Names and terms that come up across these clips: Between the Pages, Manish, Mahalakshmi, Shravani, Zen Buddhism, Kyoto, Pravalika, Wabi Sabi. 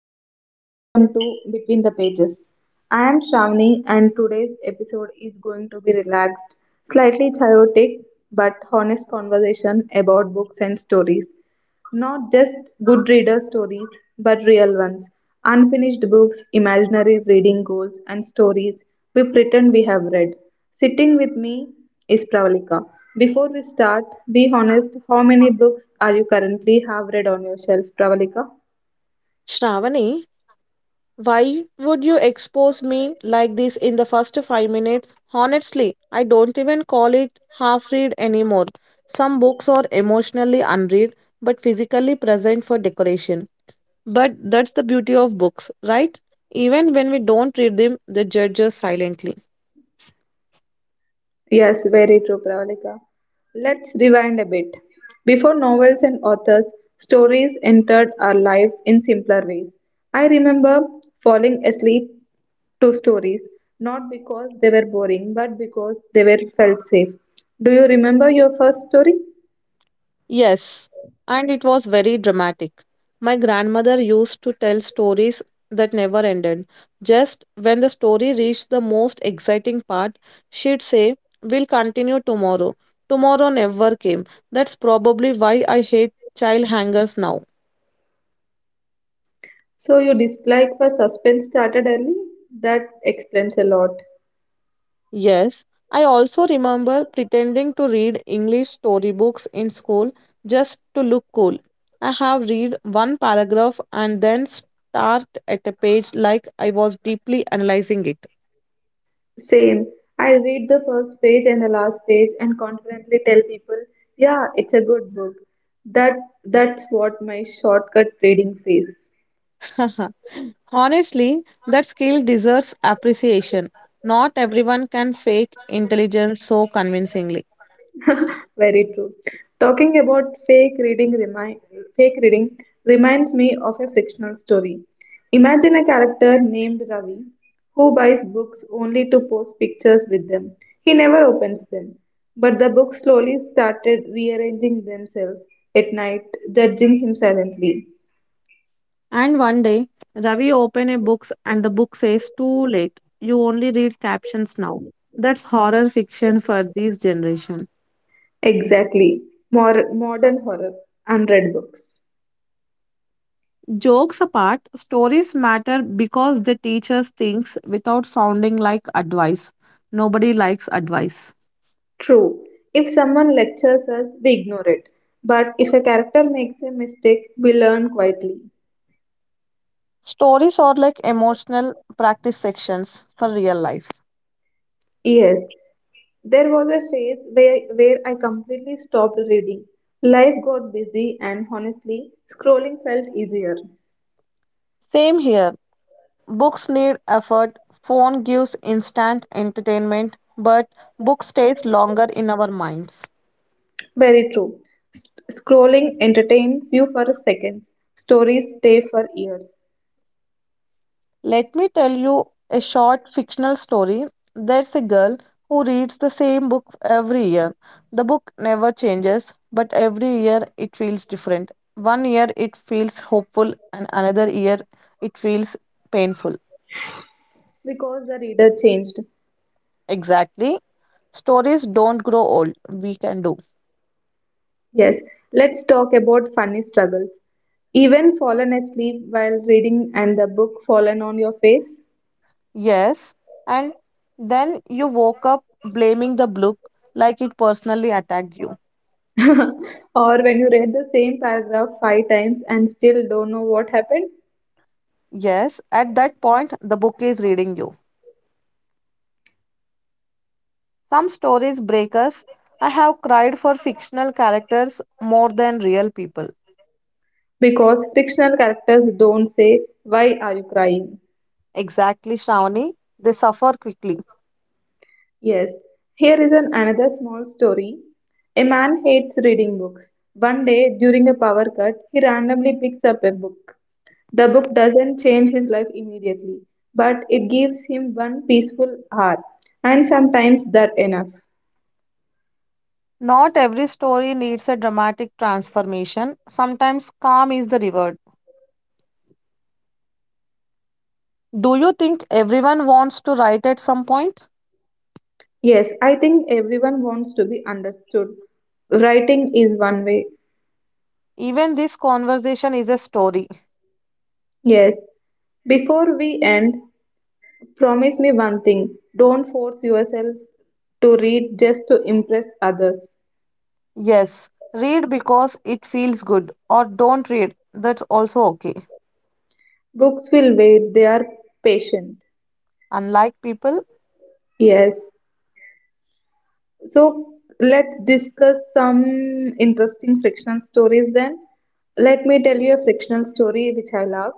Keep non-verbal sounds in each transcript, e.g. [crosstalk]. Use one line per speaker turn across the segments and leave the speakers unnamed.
everyone, welcome to Between the Pages. I am Shravani and today's episode is going to be relaxed, slightly chaotic, but honest conversation about books and stories. Not just good reader stories, but real ones. Unfinished books, imaginary reading goals, and stories we pretend we have read. Sitting with me is Pravalika. Before we start, be honest, how many books are you currently have read on your shelf, Pravalika?
Shravani, why would you expose me like this in the first 5 minutes? Honestly, I don't even call it half read anymore. Some books are emotionally unread but physically present for decoration. But that's the beauty of books, right? Even when we don't read them, they judge us silently.
Yes, very true, Pravalika. Let's rewind a bit. Before novels and authors, stories entered our lives in simpler ways. I remember falling asleep to stories, not because they were boring, but because they were felt safe. Do you remember your first story?
Yes, and it was very dramatic. My grandmother used to tell stories that never ended. Just when the story reached the most exciting part, she'd say, we'll continue tomorrow. Tomorrow never came. That's probably why I hate child hangers now.
So your dislike for suspense started early? That explains a lot.
Yes, I also remember pretending to read English storybooks in school just to look cool. I have read one paragraph and then start at a page like I was deeply analyzing it.
Same. I read the first page and the last page and confidently tell people, yeah, it's a good book. That that's what my shortcut reading phase.
[laughs] Honestly, that skill deserves appreciation. Not everyone can fake intelligence so convincingly.
[laughs] Very true. Talking about fake reading reminds me of a fictional story. Imagine a character named Ravi who buys books only to post pictures with them. He never opens them. But the books slowly started rearranging themselves at night, judging him silently.
And one day, Ravi opened a book and the book says, too late. You only read captions now. That's horror fiction for this generation.
Exactly. More modern horror, unread books.
Jokes apart, stories matter because they teach us things without sounding like advice. Nobody likes advice.
True. If someone lectures us, we ignore it. But if a character makes a mistake, we learn quietly.
Stories are like emotional practice sections for real life.
Yes, there was a phase where I completely stopped reading. Life got busy, and honestly, scrolling felt easier.
Same here. Books need effort, phone gives instant entertainment, but book stays longer in our minds.
Very true. S- Scrolling entertains you for seconds, stories stay for years
Let me tell you a short fictional story. There's a girl who reads the same book every year. The book never changes, but every year it feels different. One year it feels hopeful, and another year it feels painful.
because the reader changed.
Exactly. Stories don't grow old. We can do.
Yes, let's talk about funny struggles. Even fallen asleep while reading and the book fallen on your face?
Yes. And then you woke up blaming the book like it personally attacked you.
[laughs] Or when you read the same paragraph five times and still don't know what happened?
Yes. At that point, the book is reading you. Some stories break us. I have cried for fictional characters more than real people.
Because fictional characters don't say, "Why are you crying?"
Exactly, Shravani. They suffer quickly.
Yes, here is an another small story. A man hates reading books. One day during a power cut, he randomly picks up a book. The book doesn't change his life immediately, but it gives him one peaceful hour, and sometimes that enough.
Not every story needs a dramatic transformation. Sometimes calm is the reward. Do you think everyone wants to write at some point?
Yes, I think everyone wants to be understood. Writing is one way.
Even this conversation is a story.
Yes. Before we end, promise me one thing. Don't force yourself to read just to impress others.
Yes, read because it feels good, or don't read. That's also okay.
Books will wait, they are patient.
Unlike people.
Yes. So let's discuss some interesting frictional stories then. Let me tell you a frictional story which I love.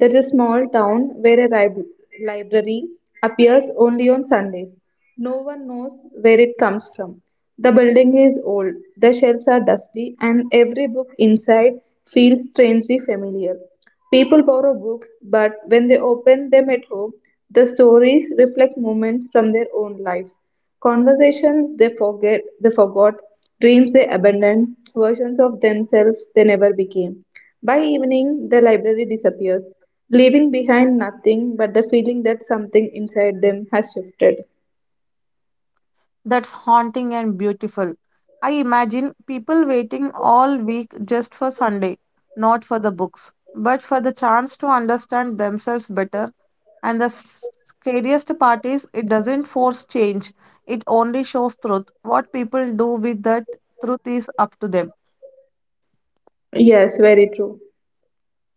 There is a small town where a library appears only on Sundays. No one knows where it comes from. The building is old, the shelves are dusty, and every book inside feels strangely familiar. People borrow books, but when they open them at home, the stories reflect moments from their own lives. Conversations they forget they forgot, dreams they abandoned, versions of themselves they never became. By evening, the library disappears, leaving behind nothing but the feeling that something inside them has shifted.
That's haunting and beautiful. I imagine people waiting all week just for Sunday, not for the books, but for the chance to understand themselves better. And the scariest part is, it doesn't force change, it only shows truth. What people do with that truth is up to them.
Yes, very true.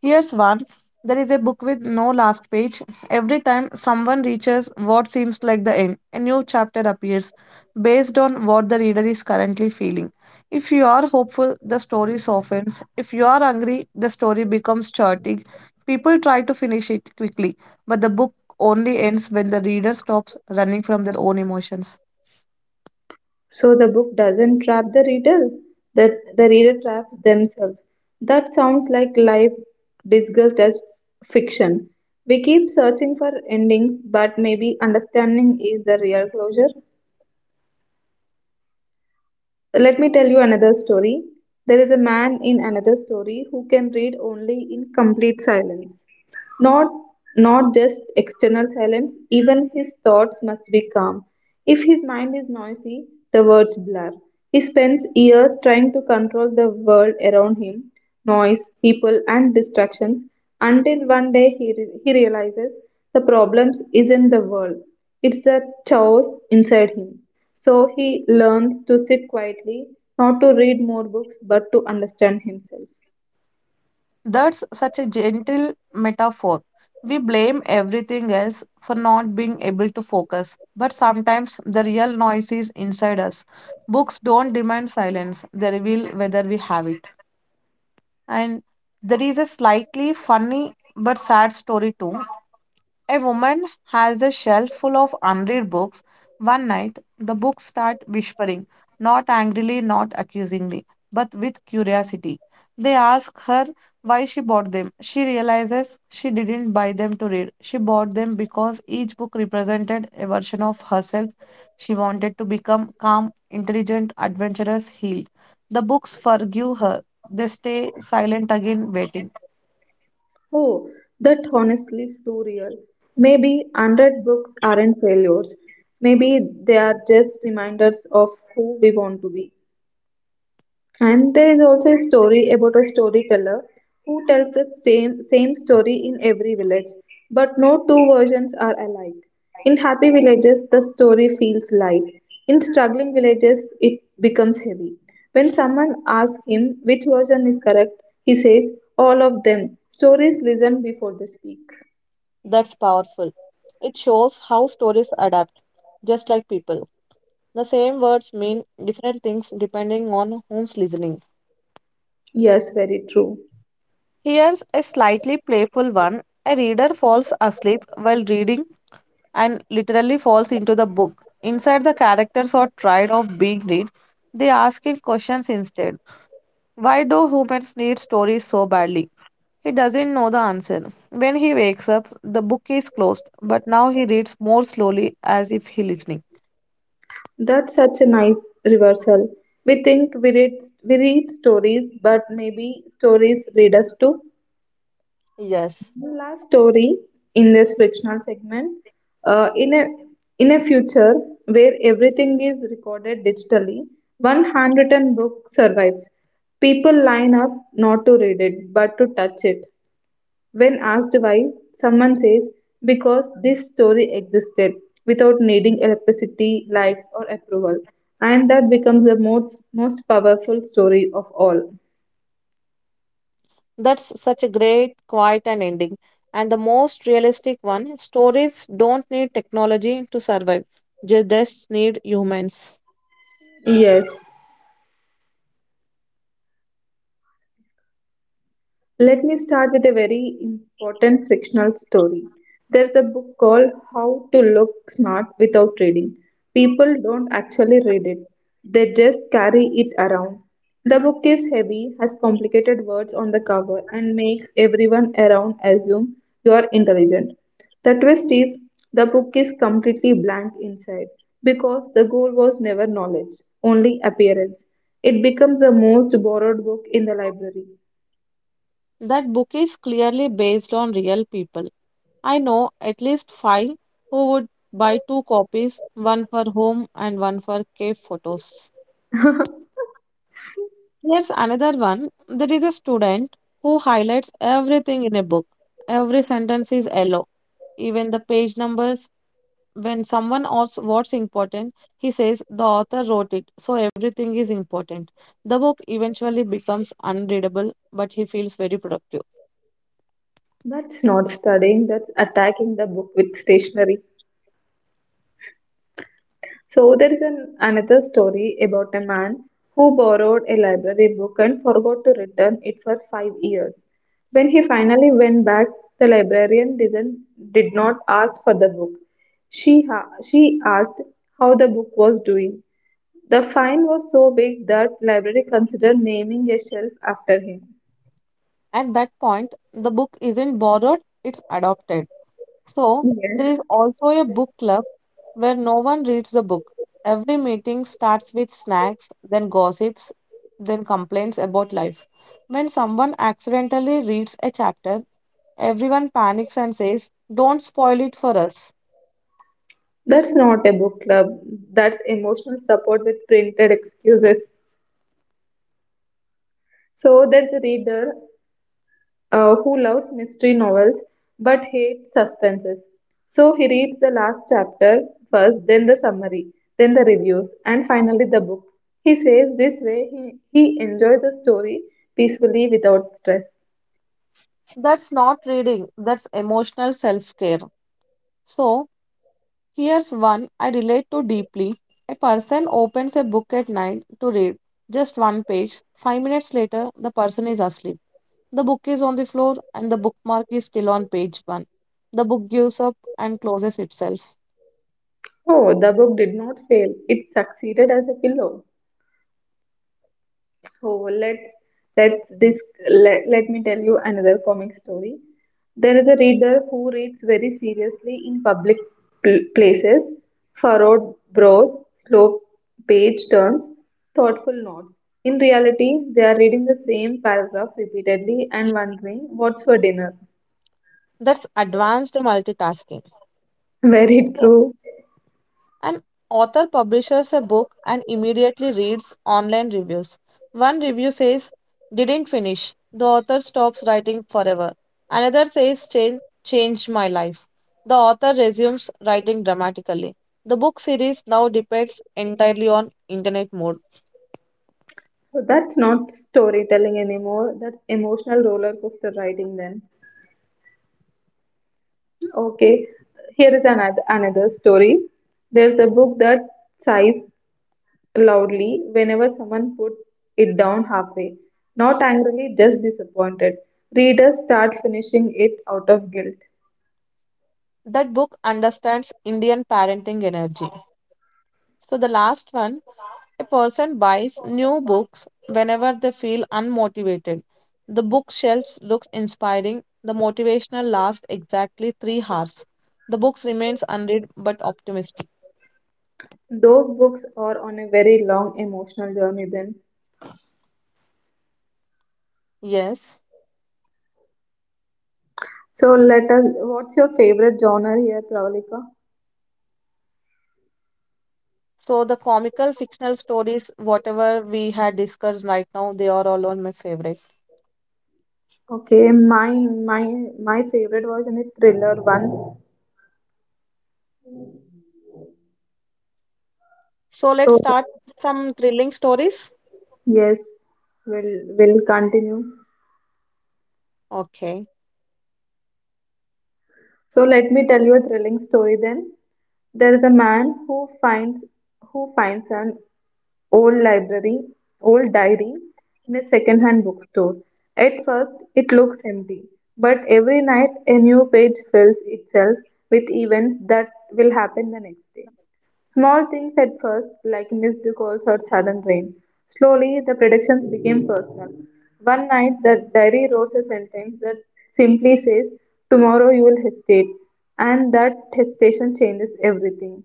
Here's one. There is a book with no last page. Every time someone reaches what seems like the end, a new chapter appears based on what the reader is currently feeling. If you are hopeful, the story softens. If you are angry, the story becomes chaotic. People try to finish it quickly, but the book only ends when the reader stops running from their own emotions.
So the book doesn't trap the reader, that the reader traps themselves. That sounds like life disguised as fiction. We keep searching for endings, but maybe understanding is the real closure. Let me tell you another story. There is a man in another story who can read only in complete silence. not not just external silence, even his thoughts must be calm. If his mind is noisy, the words blur. He spends years trying to control the world around him, noise, people, and distractions, until one day he realizes the problems isn't the world, it's the chaos inside him. So he learns to sit quietly, not to read more books but to understand himself.
That's such a gentle metaphor. We blame everything else for not being able to focus, but sometimes the real noise is inside us. Books don't demand silence, they reveal whether we have it. And there is a slightly funny but sad story too. A woman has a shelf full of unread books. One night, the books start whispering, not angrily, not accusingly, but with curiosity. They ask her why she bought them. She realizes she didn't buy them to read. She bought them because each book represented a version of herself. She wanted to become calm, intelligent, adventurous, healed. The books forgive her. They stay silent again, waiting.
Oh, that honestly too real. Maybe unread books aren't failures. Maybe they are just reminders of who we want to be. And there is also a story about a storyteller who tells the same story in every village, but no two versions are alike. In happy villages, the story feels light. In struggling villages, it becomes heavy. When someone asks him which version is correct, he says, "All of them. Stories listen before they speak."
That's powerful. It shows how stories adapt, just like people. The same words mean different things depending on who's listening.
Yes, very true.
Here's a slightly playful one. A reader falls asleep while reading and literally falls into the book. Inside, the characters are tired of being read. They ask him questions instead. Why do humans need stories so badly? He doesn't know the answer. When he wakes up, the book is closed, but now he reads more slowly as if he listening.
That's such a nice reversal. We think we read, we read stories, but maybe stories read us too.
Yes,
One last story in this fictional segment. Uh, in a in a future where everything is recorded digitally, one handwritten book survives. People line up not to read it but to touch it. When asked why, someone says because this story existed without needing electricity, likes, or approval, and that becomes the most powerful story of all.
that's such a great, quiet, and ending. And the most realistic one, stories don't need technology to survive, they just need humans.
Yes. Let me start with a very important frictional story. There's a book called How to Look Smart Without Reading. People don't actually read it, they just carry it around. The book is heavy, has complicated words on the cover, and makes everyone around assume you are intelligent. The twist is the book is completely blank inside because the goal was never knowledge, only appearance. It becomes the most borrowed book in the library.
That book is clearly based on real people. I know at least five who would buy two copies, one for home and one for cave photos.
[laughs]
Here's another one. There is a student who highlights everything in a book. Every sentence is yellow, even the page numbers. When someone asks what's important, he says the author wrote it, so everything is important. The book eventually becomes unreadable, but he feels very productive.
That's not studying, that's attacking the book with stationery. So there is an, another story about a man who borrowed a library book and forgot to return it for 5 years. When he finally went back, the librarian didn't, did not ask for the book. She asked how the book was doing. The fine was so big that library considered naming a shelf after him.
At that point, the book isn't borrowed, it's adopted. So, there is
Yeah.
also a book club where no one reads the book. Every meeting starts with snacks, then gossips, then complaints about life. When someone accidentally reads a chapter, everyone panics and says, don't spoil it for us.
That's not a book club. That's emotional support with printed excuses. So there's a reader who loves mystery novels but hates suspenses. So he reads the last chapter first, then the summary, then the reviews, and finally the book. He says this way he enjoys the story peacefully without stress.
That's not reading, that's emotional self care. So, here's one I relate to deeply. A person opens a book at night to read just one page. 5 minutes later, the person is asleep. The book is on the floor and the bookmark is still on page one. The book gives up and closes itself.
Oh, the book did not fail. It succeeded as a pillow. Oh, let's disc, let me tell you another comic story. There is a reader who reads very seriously in public places, furrowed brows, slow page turns, thoughtful nods. In reality, they are reading the same paragraph repeatedly and wondering what's for dinner.
That's advanced multitasking.
[laughs] Very
So,
true.
an author publishes a book and immediately reads online reviews. One review says, didn't finish. The author stops writing forever. Another says, change changed my life. The author resumes writing dramatically. The book series now depends entirely on internet mode.
So that's not storytelling anymore. That's emotional roller coaster riding then. Okay, here is another story. There's a book that sighs loudly whenever someone puts it down halfway, not angrily, just disappointed. Readers start finishing it out of guilt.
That book understands Indian parenting energy. So the last one. A person buys new books whenever they feel unmotivated. The bookshelves looks inspiring. The motivational lasts exactly 3 hours. The books remains unread but optimistic.
Those books are on a very long emotional journey then.
Yes.
So let us what's your favorite genre here, Pravalika?
So the comical fictional stories, whatever we had discussed right now, they are all on my favorite.
Okay, my my favorite was in a thriller once.
So let's
So
start some thrilling stories.
yes, we'll continue.
Okay.
So let me tell you a thrilling story then. There is a man who finds an old library, old diary in a second-hand bookstore. At first, it looks empty, but every night a new page fills itself with events that will happen the next day. Small things at first, like missed calls or sudden rain. Slowly, the predictions became personal. One night, the diary wrote a sentence that simply says, "Tomorrow you will hesitate." And that hesitation changes everything.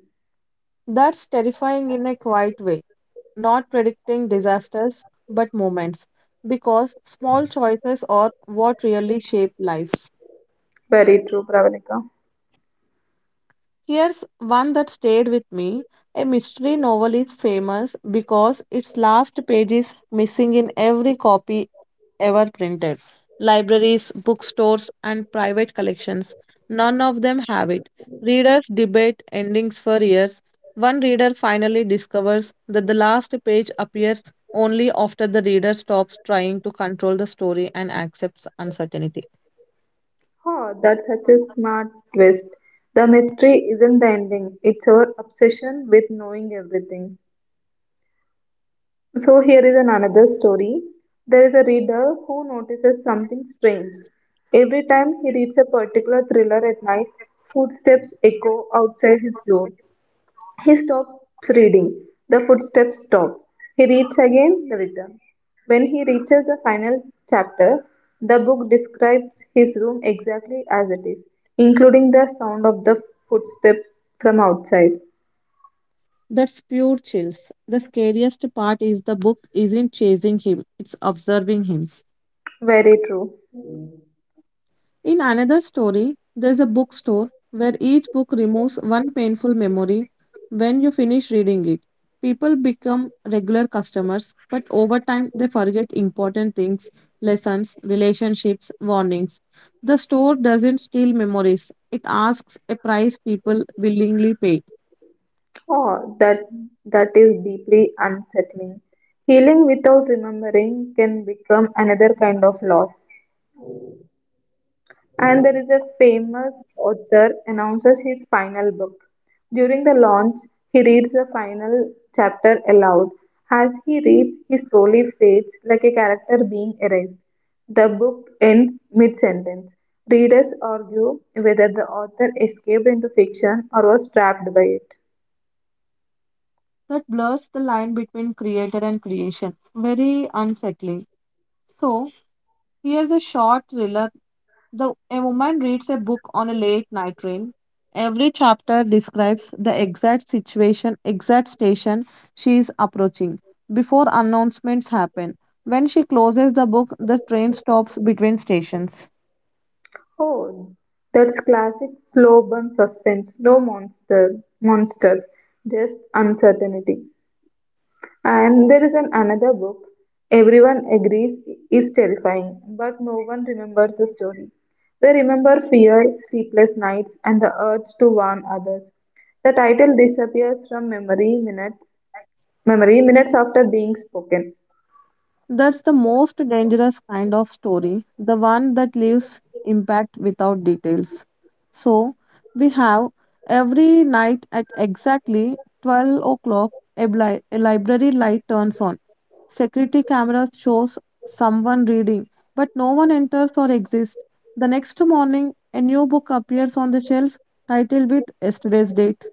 That's terrifying in a quiet way. Not predicting disasters but moments, because small choices are what really shape life.
Very true, Pravalika.
Here's one that stayed with me. A mystery novel is famous because its last page is missing in every copy ever printed. Libraries, bookstores, and private collections, none of them have it. Readers debate endings for years. One reader finally discovers that the last page appears only after the reader stops trying to control the story and accepts uncertainty.
Oh, that's such a smart twist. The mystery isn't the ending, it's her obsession with knowing everything. So, here is an another story. There is a reader who notices something strange. Every time he reads a particular thriller at night, footsteps echo outside his door. He stops reading. The footsteps stop. He reads again the return. When he reaches the final chapter, the book describes his room exactly as it is, including the sound of the footsteps from outside.
That's pure chills. The scariest part is the book isn't chasing him, it's observing him.
Very true.
In another story, there is a bookstore where each book removes one painful memory when you finish reading it. People become regular customers, but over time they forget important things, lessons, relationships, warnings. The store doesn't steal memories, it asks a price people willingly pay.
Oh, that that is deeply unsettling. Healing without remembering can become another kind of loss. And there is a famous author announces his final book. During the launch, he reads the final chapter aloud. As he reads, he slowly fades like a character being erased. The book ends mid sentence. Readers argue whether the author escaped into fiction or was trapped by it.
That blurs the line between creator and creation. Very unsettling. So, here's a short thriller. The a woman reads a book on a late night train. Every chapter describes the exact situation, exact station she is approaching before announcements happen. When she closes the book, the train stops between stations.
Oh, that's classic slow burn suspense. No monster, monsters, just uncertainty. And there is an another book everyone agrees is terrifying, but no one remembers the story. They remember fear, sleepless nights, and the urge to warn others. The title disappears from memory minutes after being spoken.
That's the most dangerous kind of story, the one that leaves impact without details. So, we have every night at exactly 12 o'clock a library light turns on. Security cameras shows someone reading, but no one enters or exists. The next morning, a new book appears on the shelf titled with yesterday's date.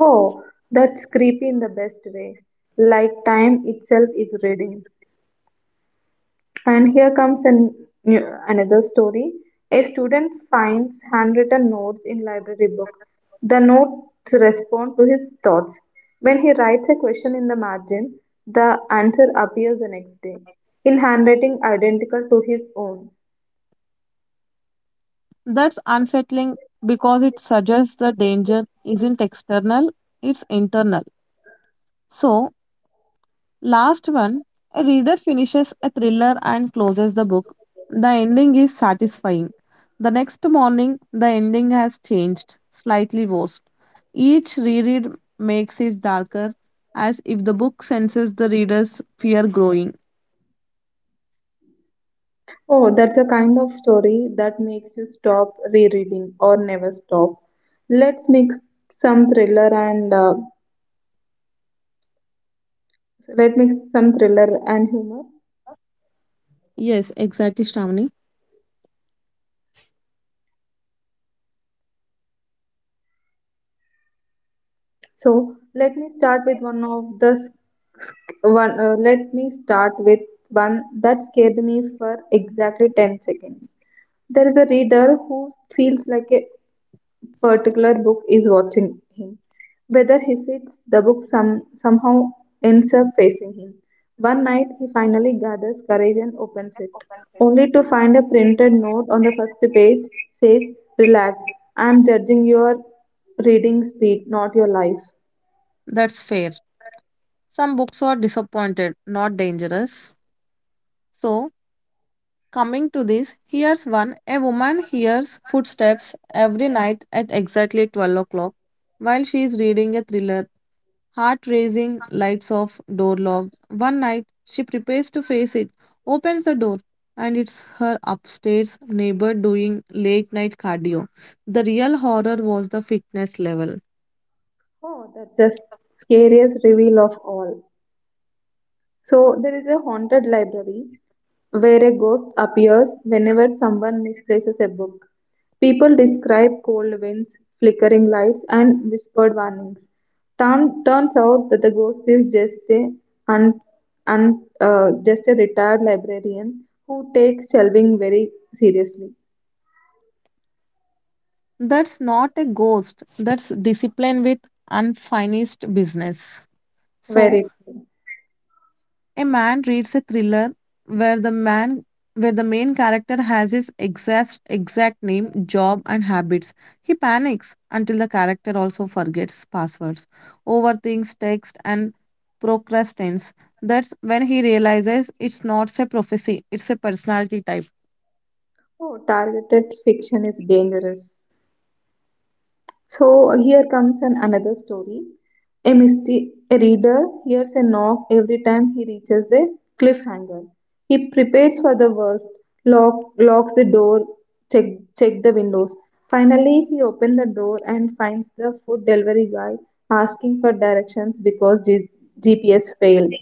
Oh, that's creepy in the best way. Like time itself is reading. And here comes another story. A student finds handwritten notes in library book. The notes respond to his thoughts. When he writes a question in the margin, the answer appears the next day in handwriting identical to his own.
That's unsettling because it suggests the danger isn't external, it's internal. So, last one, a reader finishes a thriller and closes the book. The ending is satisfying. The next morning, the ending has changed, slightly worse. Each reread makes it darker, as if the book senses the reader's fear growing.
Oh, that's a kind of story that makes you stop rereading or never stop. Let's mix some thriller and let mix some thriller and humor.
Yes, exactly, Shramani.
So let me start with one of the s- s- one. Let me start with one that scared me for exactly 10 seconds. There is a reader who feels like a particular book is watching him, whether he sits the book somehow ends up facing him. One night he finally gathers courage and opens it, only to find a printed note on the first page says, "Relax, I am judging your reading speed, not your life."
That's fair. Some books are disappointed, not dangerous. So, coming to this, here's one. A woman hears footsteps every night at exactly 12 o'clock while she is reading a thriller, heart racing, lights off, door locked. One night, she prepares to face it, opens the door, and it's her upstairs neighbor doing late night cardio. The real horror was the fitness level.
Oh, that's the scariest reveal of all. So, there is a haunted library where a ghost appears whenever someone misplaces a book. People describe cold winds, flickering lights, and whispered warnings. Turns out that the ghost is just un, just a retired librarian who takes shelving very seriously.
That's not a ghost, that's discipline with unfinished business. So,
Very true.
a man reads a thriller where the man where the main character has his exact name, job and habits. He panics until the character also forgets passwords, overthinks text and procrastinates. That's when he realizes it's not a prophecy, it's a personality type.
Oh, targeted fiction is dangerous. So here comes an another story. A misty a reader hears a knock every time he reaches the cliffhanger. He prepares for the worst, locks the door, check, check the windows. Finally, he opens the door and finds the food delivery guy asking for directions because GPS failed.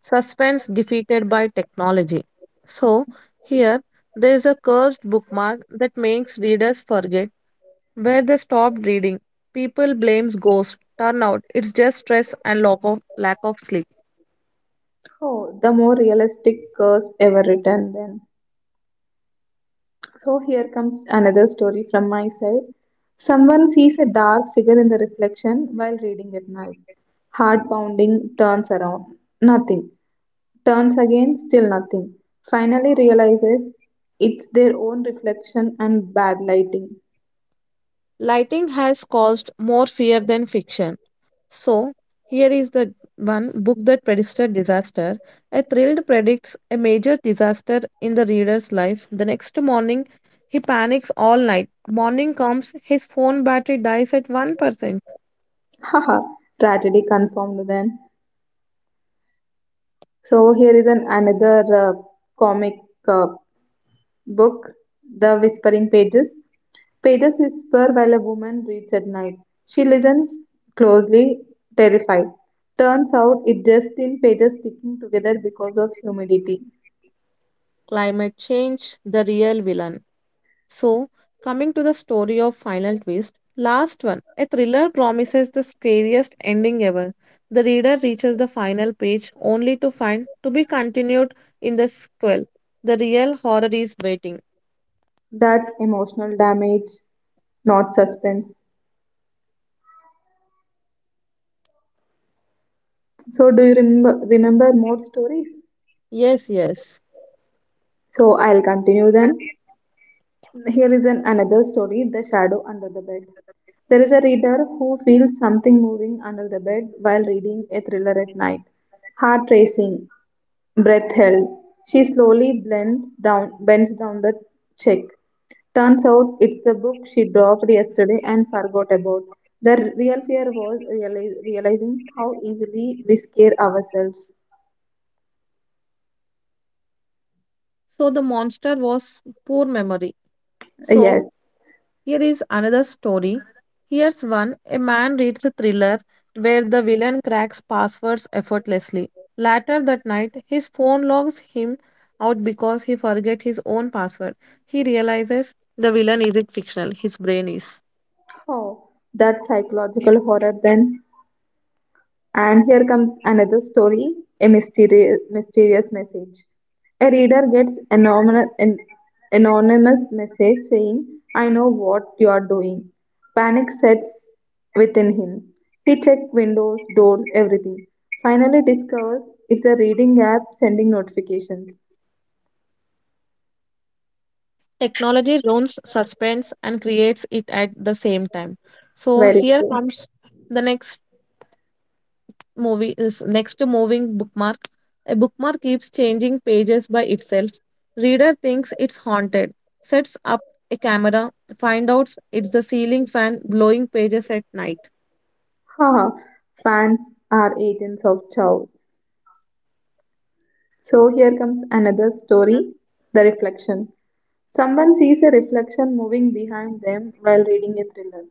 Suspense defeated by technology. So here, there is a cursed bookmark that makes readers forget where they stopped reading. People blames ghosts. Turn out it's just stress and lack of sleep.
Oh, the more realistic curse ever written then. So here comes another story from my side. Someone sees a dark figure in the reflection while reading at night. Heart pounding, turns around. Nothing. Turns again, still nothing. Finally realizes it's their own reflection and bad lighting.
Lighting has caused more fear than fiction. So here is the one book that predicted disaster. A thrilled predicts a major disaster in the reader's life. The next morning, he panics all night. Morning comes, his phone battery dies at 1%.
[laughs] Haha, tragedy confirmed then. So here is an another comic uh, book, The Whispering Pages. Pages whisper while a woman reads at night. She listens closely, terrified. Turns out it's just thin pages sticking together because of humidity.
Climate change, the real villain. So, coming to the story of Final Twist, last one. A thriller promises the scariest ending ever. The reader reaches the final page only to find to be continued in the sequel. The real horror is waiting.
That's emotional damage, not suspense. So, do you remember more stories?
Yes, yes.
So, I'll continue then. Here is an, another story, The Shadow Under the Bed. There is a reader who feels something moving under the bed while reading a thriller at night. Heart racing, breath held. She slowly bends down the check. Turns out it's the book she dropped yesterday and forgot about. The real fear was realizing how easily we scare ourselves.
So, the monster was poor memory.
Yes.
So, here is another story. Here's one. A man reads a thriller where the villain cracks passwords effortlessly. Later that night, his phone logs him out because he forget his own password. He realizes the villain isn't fictional, his brain is.
Oh, that psychological horror then. And here comes another story, a mysterious message. A reader gets anonymous message saying, I know what you are doing. Panic sets within him. He checks windows, doors, everything. Finally discovers it's a reading app sending notifications.
Technology ruins suspense and creates it at the same time. So
Very
here
cool.
comes the next movie is next moving bookmark. A bookmark keeps changing pages by itself. Reader thinks it's haunted, sets up a camera, find out it's the ceiling fan blowing pages at night.
[laughs] Haha, fans are agents of chaos. So here comes another story, The Reflection. Someone sees a reflection moving behind them while reading a thriller.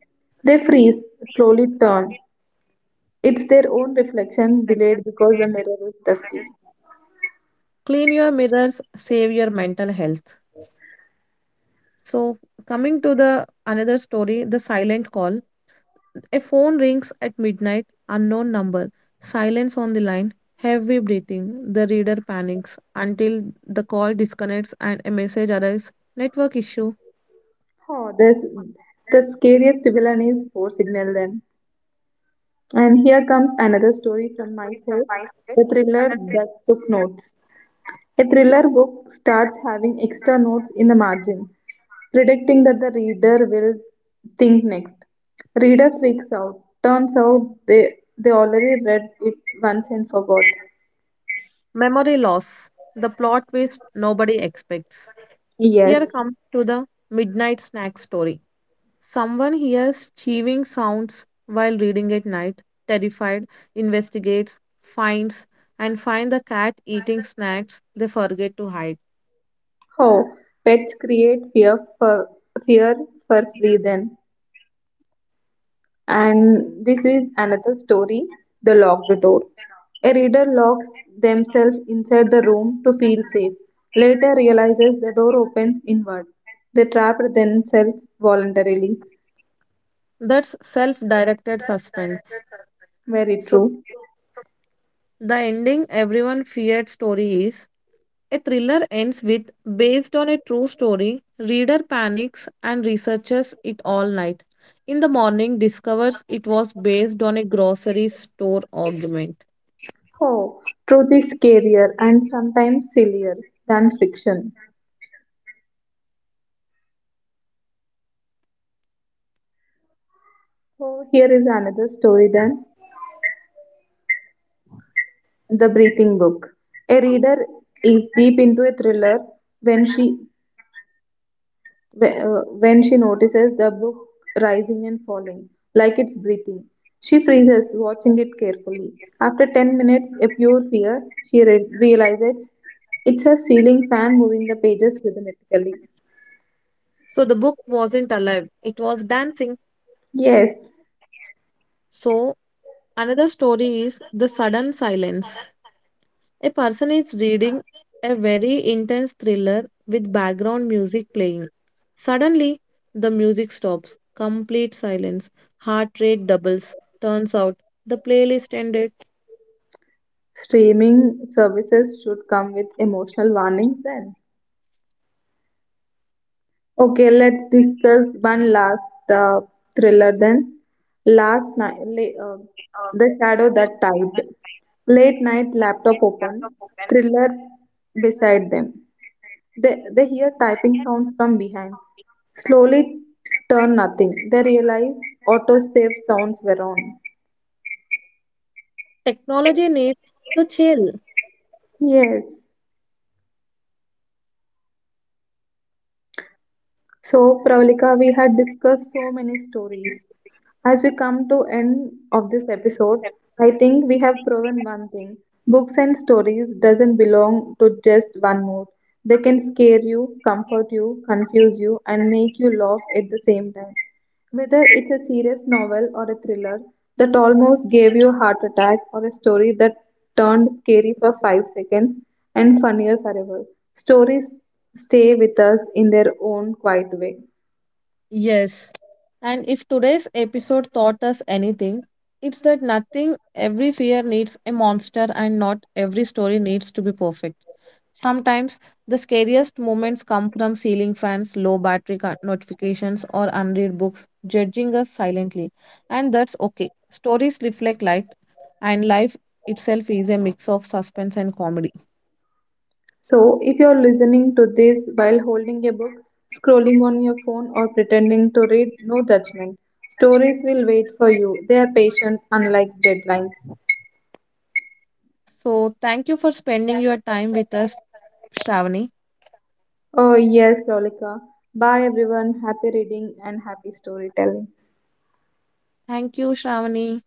They freeze, slowly turn. It's their own reflection delayed because the mirror is dusty.
Clean your mirrors, save your mental health. So coming to the another story, the silent call. A phone rings at midnight, unknown number, silence on the line, heavy breathing. The reader panics until the call disconnects and a message arrives network issue,
Oh, this, the scariest villain is Four Signal then. And here comes another story from myself, The Thriller That Took Notes. A thriller book starts having extra notes in the margin, predicting that the reader will think next. Reader freaks out. Turns out they already read it once and forgot.
memory loss, the plot twist nobody expects. Here
Yes.
comes to the midnight snack story. Someone hears chewing sounds while reading at night, terrified, investigates, and find the cat eating snacks they forget to hide.
How pets create fear fear for free then. And this is another story, The Locked Door. A reader locks themselves inside the room to feel safe, later realizes the door opens inward. They trap themselves voluntarily.
That's self directed suspense.
Very
So,
true.
the ending everyone feared story is a thriller ends with based on a true story. Reader panics and researches it all night. In the morning, discovers it was based on a grocery store argument.
Oh, truth is scarier and sometimes sillier than fiction. So here is another story than The Breathing Book. A reader is deep into a thriller when she when she notices the book rising and falling, like it's breathing, she freezes, watching it carefully. After 10 minutes, a pure fear, she realizes it's a ceiling fan moving the pages rhythmically.
So the book wasn't alive, it was dancing.
Yes,
So another story is The Sudden Silence. A person is reading a very intense thriller with background music playing. Suddenly, the music stops, complete silence, heart rate doubles. Turns out the playlist ended.
streaming services should come with emotional warnings then. Okay, let's discuss one last thriller then. Last night, la- uh, The Shadow That Tide. Late night, laptop open, thriller beside them. They hear typing sounds from behind. Slowly turn nothing. They realize autosave sounds were on.
Technology needs to chill.
Yes. So, Pravalika, we had discussed so many stories. As we come to end of this episode, I think we have proven one thing. Books and stories doesn't belong to just one mood. They can scare you, comfort you, confuse you and make you laugh at the same time. Whether it's a serious novel or a thriller that almost gave you a heart attack or a story that turned scary for 5 seconds and funnier forever, stories stay with us in their own quiet way.
Yes. And if today's episode taught us anything, it's that nothing, every fear needs a monster and not every story needs to be perfect. Sometimes the scariest moments come from ceiling fans, low battery notifications, or unread books judging us silently. And that's okay. Stories reflect life, and life itself is a mix of suspense and comedy.
So, if you're listening to this while holding a book, scrolling on your phone, or pretending to read, no judgment. Stories will wait for you. They are patient, unlike deadlines.
So, thank you for spending your time with us, Shravani.
Oh, yes, Prolika. Bye, everyone. Happy reading and happy storytelling.
Thank you, Shravani.